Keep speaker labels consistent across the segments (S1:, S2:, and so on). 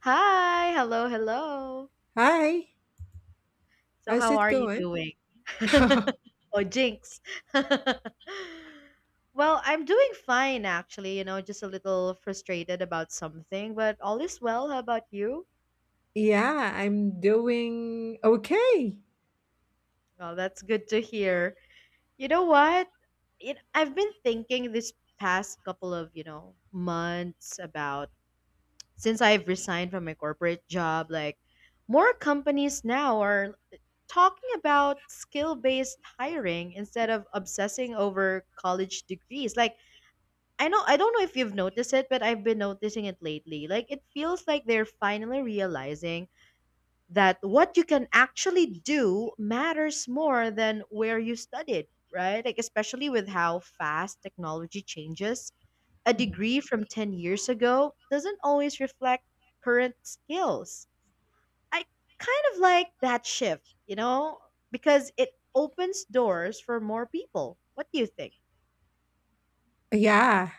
S1: Hi, hello, hello.
S2: Hi,
S1: So
S2: how's
S1: how
S2: it
S1: are you
S2: going?
S1: doing? Oh, jinx. Well, I'm doing fine actually, you know, just a little frustrated about something, but all is well. How about you?
S2: Yeah, I'm doing okay.
S1: Well, that's good to hear. You know what? I've been thinking this past couple of, months about since I've resigned from my corporate job, like more companies now are talking about skill-based hiring instead of obsessing over college degrees. Like I know, I don't know if you've noticed it, but I've been noticing it lately. Like it feels like they're finally realizing that what you can actually do matters more than where you studied, right? Like especially with how fast technology changes, a
S2: Mhm.
S1: degree from 10 years ago doesn't always reflect current skills. I kind of like that shift, you know, because it opens doors for more people. What do you think?
S2: Yeah,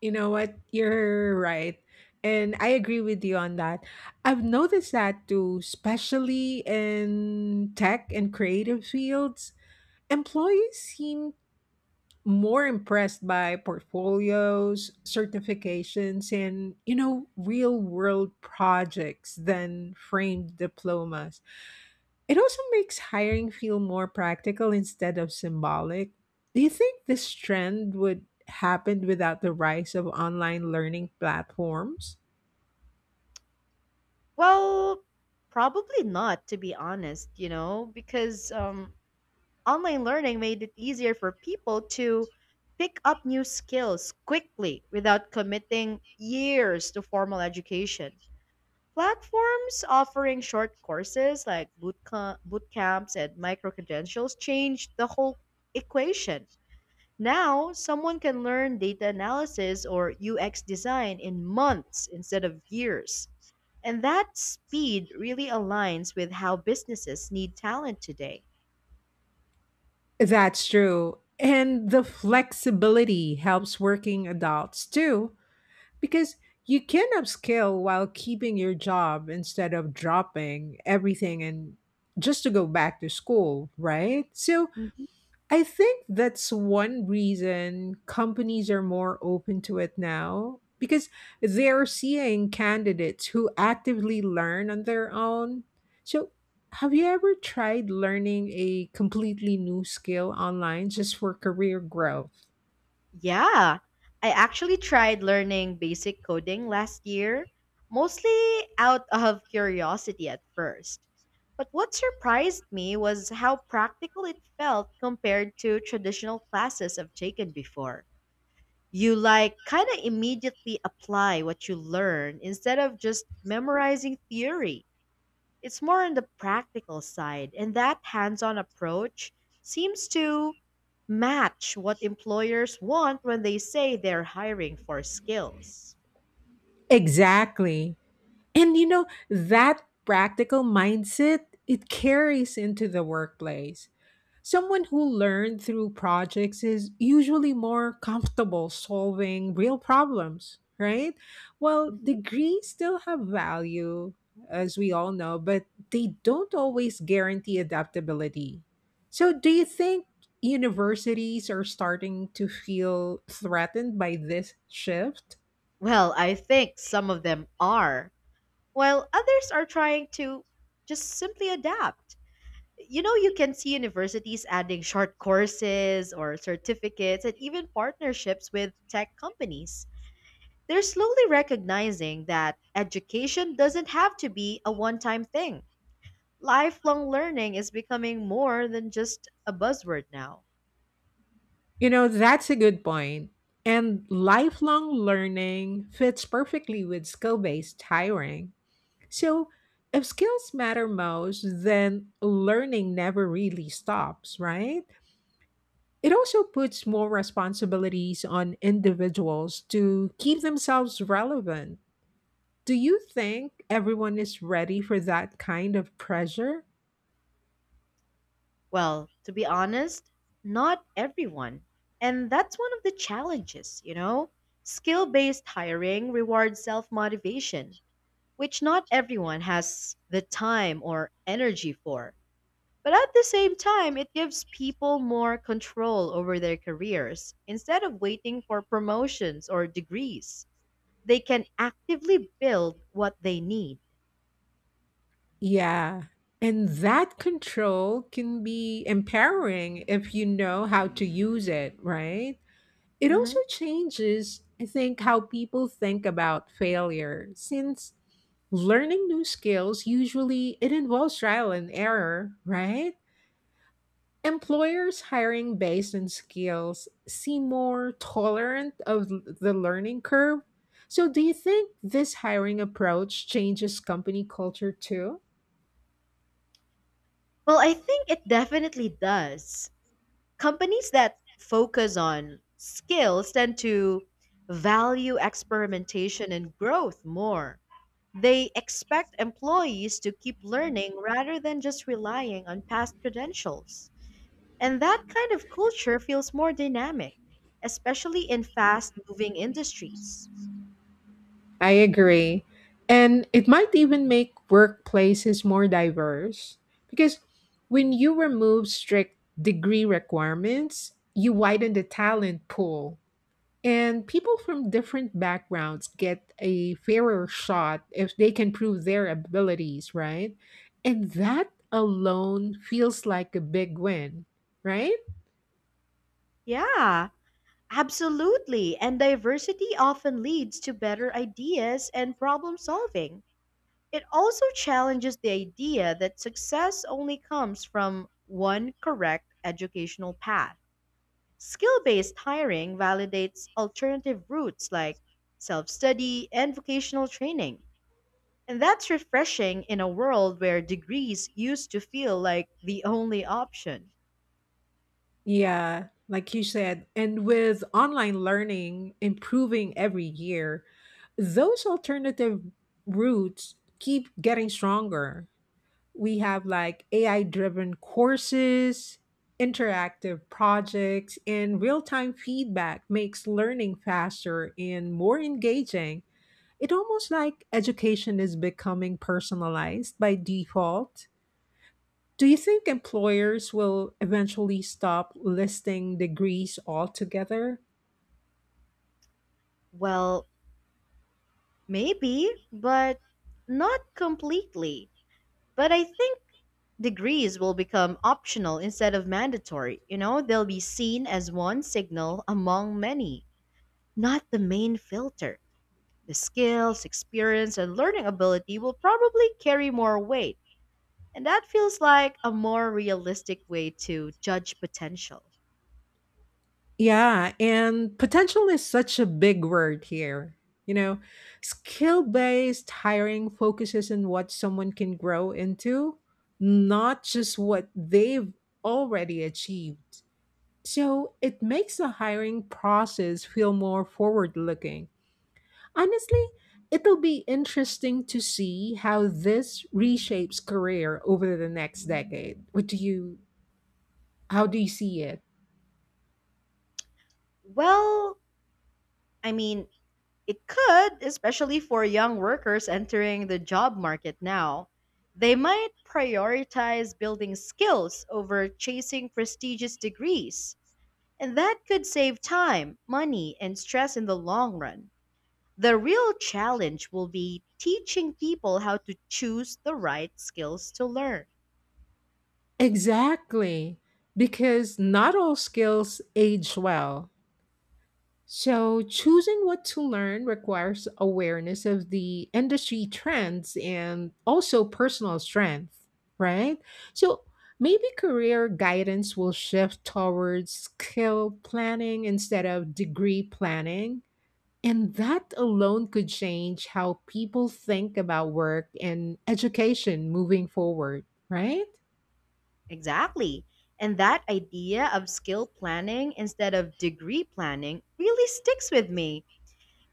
S2: you know what? You're right. And I agree with you on that. I've noticed that too, especially in tech and creative fields. Employees seem more impressed by portfolios, certifications, and, you know, real world projects than framed diplomas. It also makes hiring feel more practical instead of symbolic. Do you think this trend would happen without the rise of online learning platforms?
S1: Well, probably not, to be honest, you know, because online learning made it easier for people to pick up new skills quickly without committing years to formal education. Platforms offering short courses like boot camps and micro credentials changed the whole equation. Now, someone can learn data analysis or UX design in months instead of years. And that speed really aligns with how businesses need talent today.
S2: That's true. And the flexibility helps working adults too, because you can upskill while keeping your job instead of dropping everything and just to go back to school, right? So, I think that's one reason companies are more open to it now because they're seeing candidates who actively learn on their own. So, have you ever tried learning a completely new skill online just for career growth?
S1: Yeah, I actually tried learning basic coding last year, mostly out of curiosity at first. But what surprised me was how practical it felt compared to traditional classes I've taken before. You like kind of immediately apply what you learn instead of just memorizing theory. It's more on the practical side, and that hands on approach seems to match what employers want when they say they're hiring for skills.
S2: Exactly. And you know, that practical mindset, it carries into the workplace. Someone who learned through projects is usually more comfortable solving real problems, right? Well,
S1: Mhm.
S2: degrees still have value, as we all know, but they don't always guarantee adaptability. So, do you think universities are starting to feel threatened by this shift?
S1: Well, I think some of them are, while others are trying to just simply adapt. You know, you can see universities adding short courses or certificates and even partnerships with tech companies. They're slowly recognizing that education doesn't have to be a one time thing. Lifelong learning is becoming more than just a buzzword now.
S2: You know, that's a good point. And lifelong learning fits perfectly with skill based hiring. So, if skills matter most, then learning never really stops, right? It also puts more responsibilities on individuals to keep themselves relevant. Do you think everyone is ready for that kind of pressure?
S1: Well, to be honest, not everyone. And that's one of the challenges, you know? Skill based hiring rewards self motivation, which not everyone has the time or energy for. But at the same time, it gives people more control over their careers. Instead of waiting for promotions or degrees, they can actively build what they need.
S2: Yeah. And that control can be empowering if you know how to use it, right? It also
S1: Mhm.
S2: changes, I think, how people think about failure since learning new skills usually it involves trial and error, right? Employers hiring based on skills seem more tolerant of the learning curve. So do you think this hiring approach changes company culture too?
S1: Well, I think it definitely does. Companies that focus on skills tend to value experimentation and growth more. They expect employees to keep learning rather than just relying on past credentials. And that kind of culture feels more dynamic, especially in fast moving industries.
S2: I agree. And it might even make workplaces more diverse because when you remove strict degree requirements, you widen the talent pool. And people from different backgrounds get a fairer shot if they can prove their abilities, right? And that alone feels like a big win, right?
S1: Yeah, absolutely. And diversity often leads to better ideas and problem solving. It also challenges the idea that success only comes from one correct educational path. Skill based hiring validates alternative routes like self study and vocational training. And that's refreshing in a world where degrees used to feel like the only option.
S2: Yeah, like you said, and with online learning improving every year, those alternative routes keep getting stronger. We have like AI driven courses, interactive projects, and real time feedback makes learning faster and more engaging. It almost like education is becoming personalized by default. Do you think employers will eventually stop listing degrees altogether?
S1: Well, maybe, but not completely. But I think degrees will become optional instead of mandatory. You know, they'll be seen as one signal among many, not the main filter. The skills, experience, and learning ability will probably carry more weight, and that feels like a more realistic way to judge potential.
S2: Yeah, and potential is such a big word here. You know, skill based hiring focuses on what someone can grow into, not just what they've already achieved. So it makes the hiring process feel more forward looking. Honestly, it'll be interesting to see how this reshapes career over the next decade. What do you How do you see it?
S1: Well, I mean, it could, especially for young workers entering the job market now. They might prioritize building skills over chasing prestigious degrees. And that could save time, money, and stress in the long run. The real challenge will be teaching people how to choose the right skills to learn.
S2: Exactly. Because not all skills age well. So choosing what to learn requires awareness of the industry trends and also personal strength, right? So maybe career guidance will shift towards skill planning instead of degree planning. And that alone could change how people think about work and education moving forward, right?
S1: Exactly. And that idea of skill planning instead of degree planning really sticks with me.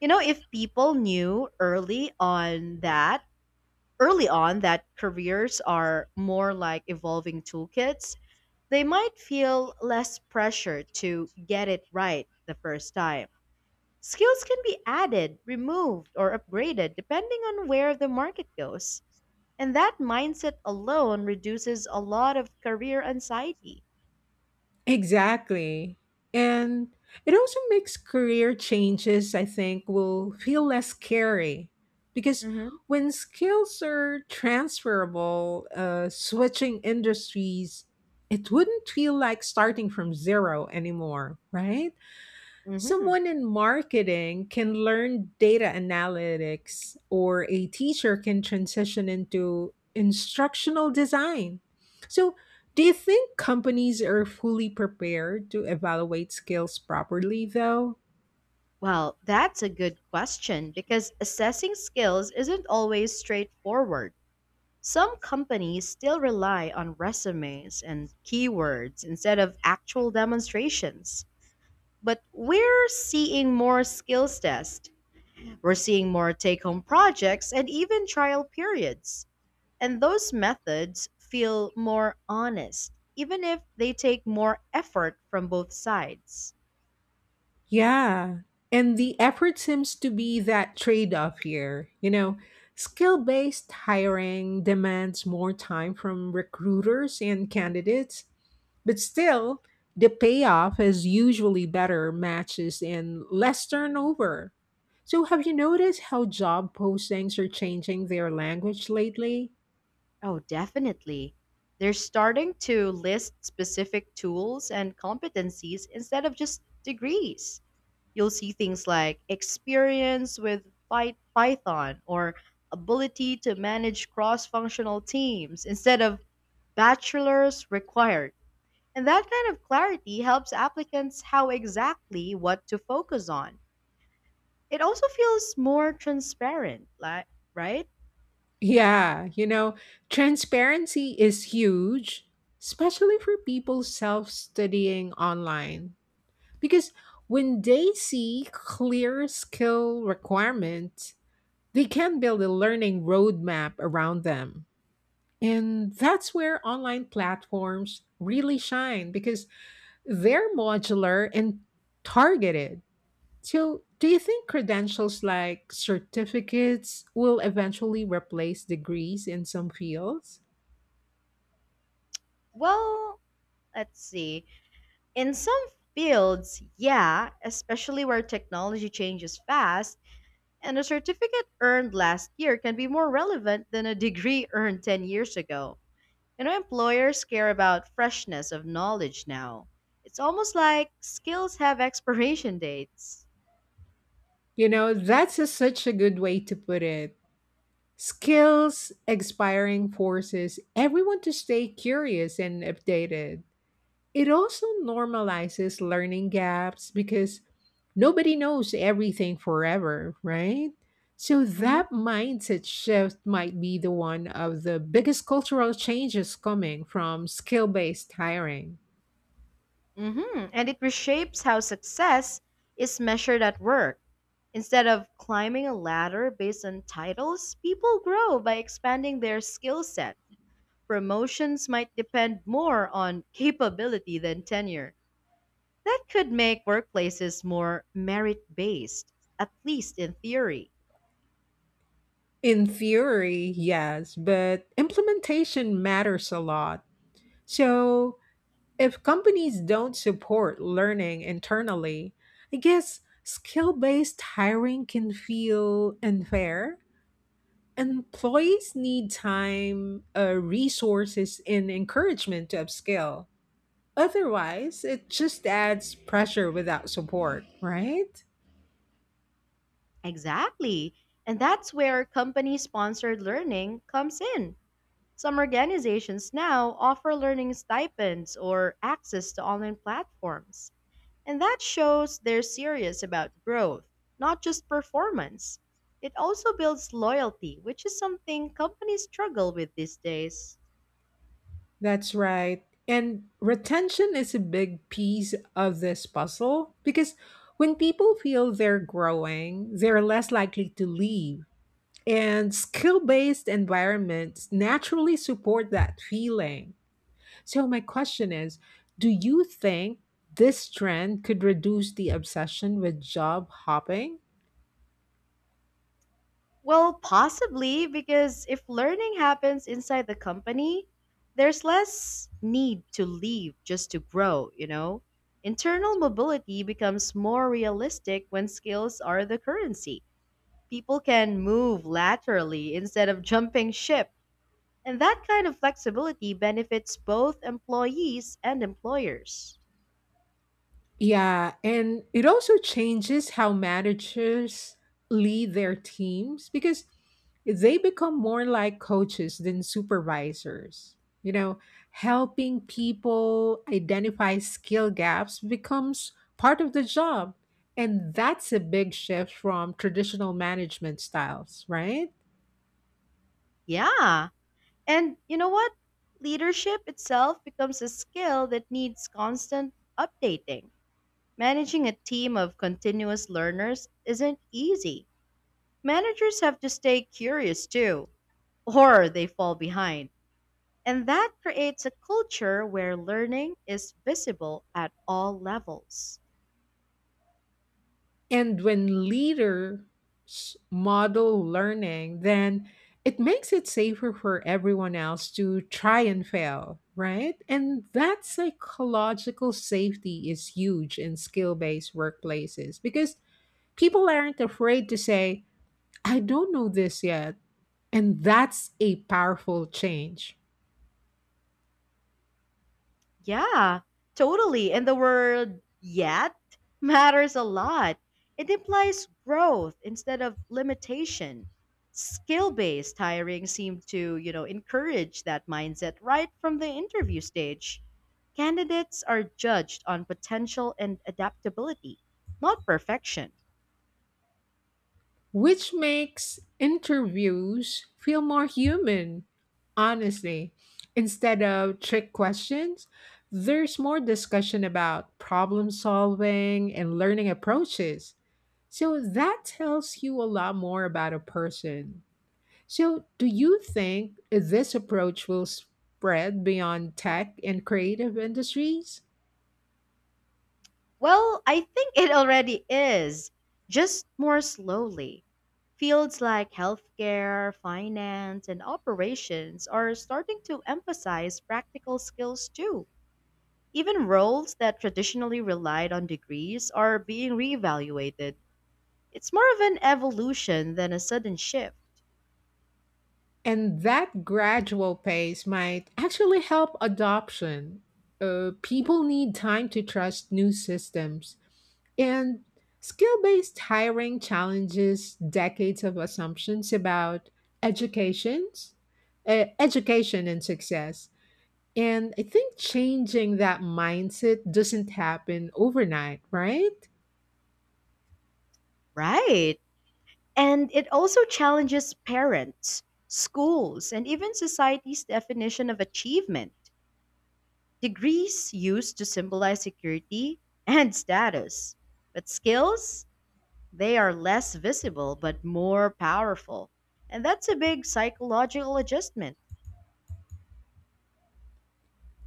S1: You know, if people knew early on that careers are more like evolving toolkits, they might feel less pressure to get it right the first time. Skills can be added, removed, or upgraded depending on where the market goes. And that mindset alone reduces a lot of career anxiety.
S2: Exactly. And it also makes career changes, I think, will feel less scary because
S1: Hmm.
S2: when skills are transferable, switching industries, it wouldn't feel like starting from zero anymore, right?
S1: Hmm.
S2: Someone in marketing can learn data analytics, or a teacher can transition into instructional design. So, do you think companies are fully prepared to evaluate skills properly, though?
S1: Well, that's a good question because assessing skills isn't always straightforward. Some companies still rely on resumes and keywords instead of actual demonstrations. But we're seeing more take home projects and even trial periods. And those methods feel more honest, even if they take more effort from both sides.
S2: Yeah. And the effort seems to be that trade off here. You know, skill based hiring demands more time from recruiters and candidates. But still, the payoff is usually better matches and less turnover. So, have you noticed how job postings are changing their language lately?
S1: Oh, definitely. They're starting to list specific tools and competencies instead of just degrees. You'll see things like experience with Python or ability to manage cross functional teams instead of bachelor's required. And that kind of clarity helps applicants how exactly what to focus on. It also feels more transparent, like, right?
S2: Yeah, you know, transparency is huge, especially for people self studying online. Because when they see clear skill requirements, they can build a learning roadmap around them. And that's where online platforms really shine because they're modular and targeted. So, do you think credentials like certificates will eventually replace degrees in some fields?
S1: Well, let's see. In some fields, yeah, especially where technology changes fast, and a certificate earned last year can be more relevant than a degree earned 10 years ago. You know, employers care about freshness of knowledge now. It's almost like skills have expiration dates.
S2: You know, that's a, such a good way to put it. Skills, expiring forces, everyone to stay curious and updated. It also normalizes learning gaps because nobody knows everything forever, right? So
S1: Mm-hmm.
S2: that mindset shift might be the one of the biggest cultural changes coming from skill-based hiring.
S1: Hmm. And it reshapes how success is measured at work. Instead of climbing a ladder based on titles, people grow by expanding their skill set. Promotions might depend more on capability than tenure. That could make workplaces more merit based, at least in theory.
S2: In theory, yes, but implementation matters a lot. So, if companies don't support learning internally, I guess skill based hiring can feel unfair. Employees need time, resources, and encouragement to upskill. Otherwise, it just adds pressure without support, right?
S1: Exactly. And that's where company sponsored learning comes in. Some organizations now offer learning stipends or access to online platforms, and that shows they're serious about growth, not just performance. It also builds loyalty, which is something companies struggle with these days.
S2: That's right. And retention is a big piece of this puzzle because when people feel they're growing, they're less likely to leave. And skill based environments naturally support that feeling. So, my question is, do you think this trend could reduce the obsession with job hopping?
S1: Well, possibly because if learning happens inside the company, there's less need to leave just to grow, you know? Internal mobility becomes more realistic when skills are the currency. People can move laterally instead of jumping ship, and that kind of flexibility benefits both employees and employers.
S2: Yeah, and it also changes how managers lead their teams because they become more like coaches than supervisors. You know, helping people identify skill gaps becomes part of the job. And that's a big shift from traditional management styles, right?
S1: Yeah, and you know what? Leadership itself becomes a skill that needs constant updating. Managing a team of continuous learners isn't easy. Managers have to stay curious too, or they fall behind. And that creates a culture where learning is visible at all levels.
S2: And when leaders model learning, then it makes it safer for everyone else to try and fail, right? And that psychological safety is huge in skill based workplaces because people aren't afraid to say, I don't know this yet. And that's a powerful change,
S1: Yeah, totally. And the word yet matters a lot. It implies growth instead of limitation. Skill based hiring seemed to, you know, encourage that mindset right from the interview stage. Candidates are judged on potential and adaptability, not perfection.
S2: which makes interviews feel more human. Honestly, instead of trick questions, there's more discussion about problem solving and learning approaches. So that tells you a lot more about a person. So, do you think this approach will spread beyond tech and creative industries?
S1: Well, I think it already is, just more slowly. Fields like healthcare, finance, and operations are starting to emphasize practical skills too. Even roles that traditionally relied on degrees are being reevaluated. It's more of an evolution than a sudden shift.
S2: And that gradual pace might actually help adoption. People need time to trust new systems. And skill based hiring challenges decades of assumptions about educations, education and success. And I think changing that mindset doesn't happen overnight, right?
S1: Right. And it also challenges parents, schools, and even society's definition of achievement. Degrees used to symbolize security and status. But skills, they are less visible but more powerful. And that's a big psychological adjustment.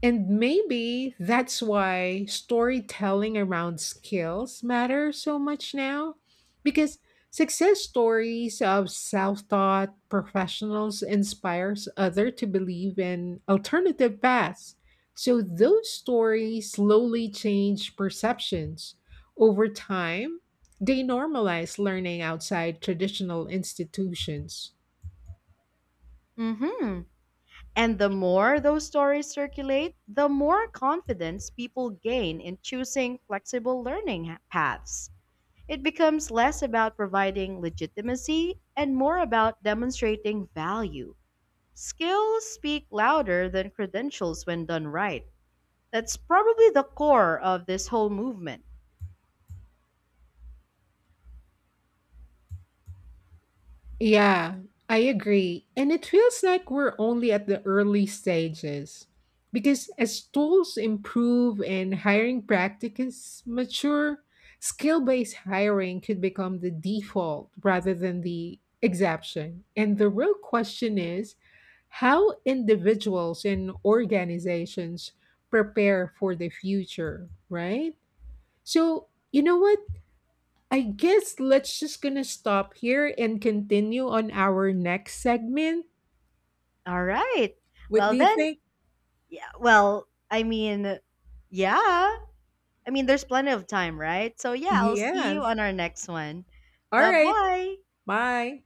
S2: And maybe that's why storytelling around skills matter so much now because success stories of self-taught professionals inspires other to believe in alternative paths. So those stories slowly change perceptions. Over time, they normalize learning outside traditional institutions.
S1: Mhm. And the more those stories circulate, the more confidence people gain in choosing flexible learning paths. It becomes less about providing legitimacy and more about demonstrating value. Skills speak louder than credentials when done right. That's probably the core of this whole movement.
S2: Yeah, I agree. And it feels like we're only at the early stages. Because as tools improve and hiring practices mature, skill based hiring could become the default rather than the exception. And the real question is how individuals and organizations prepare for the future, right? So, you know what? I guess let's just gonna stop here and continue on our next segment.
S1: All right.
S2: What
S1: Well,
S2: do you
S1: then,
S2: think?
S1: yeah, yeah. There's plenty of time, right? So, yeah, I'll see you
S2: Yes.
S1: on our next one.
S2: All
S1: Bye
S2: right.
S1: bye.
S2: Bye.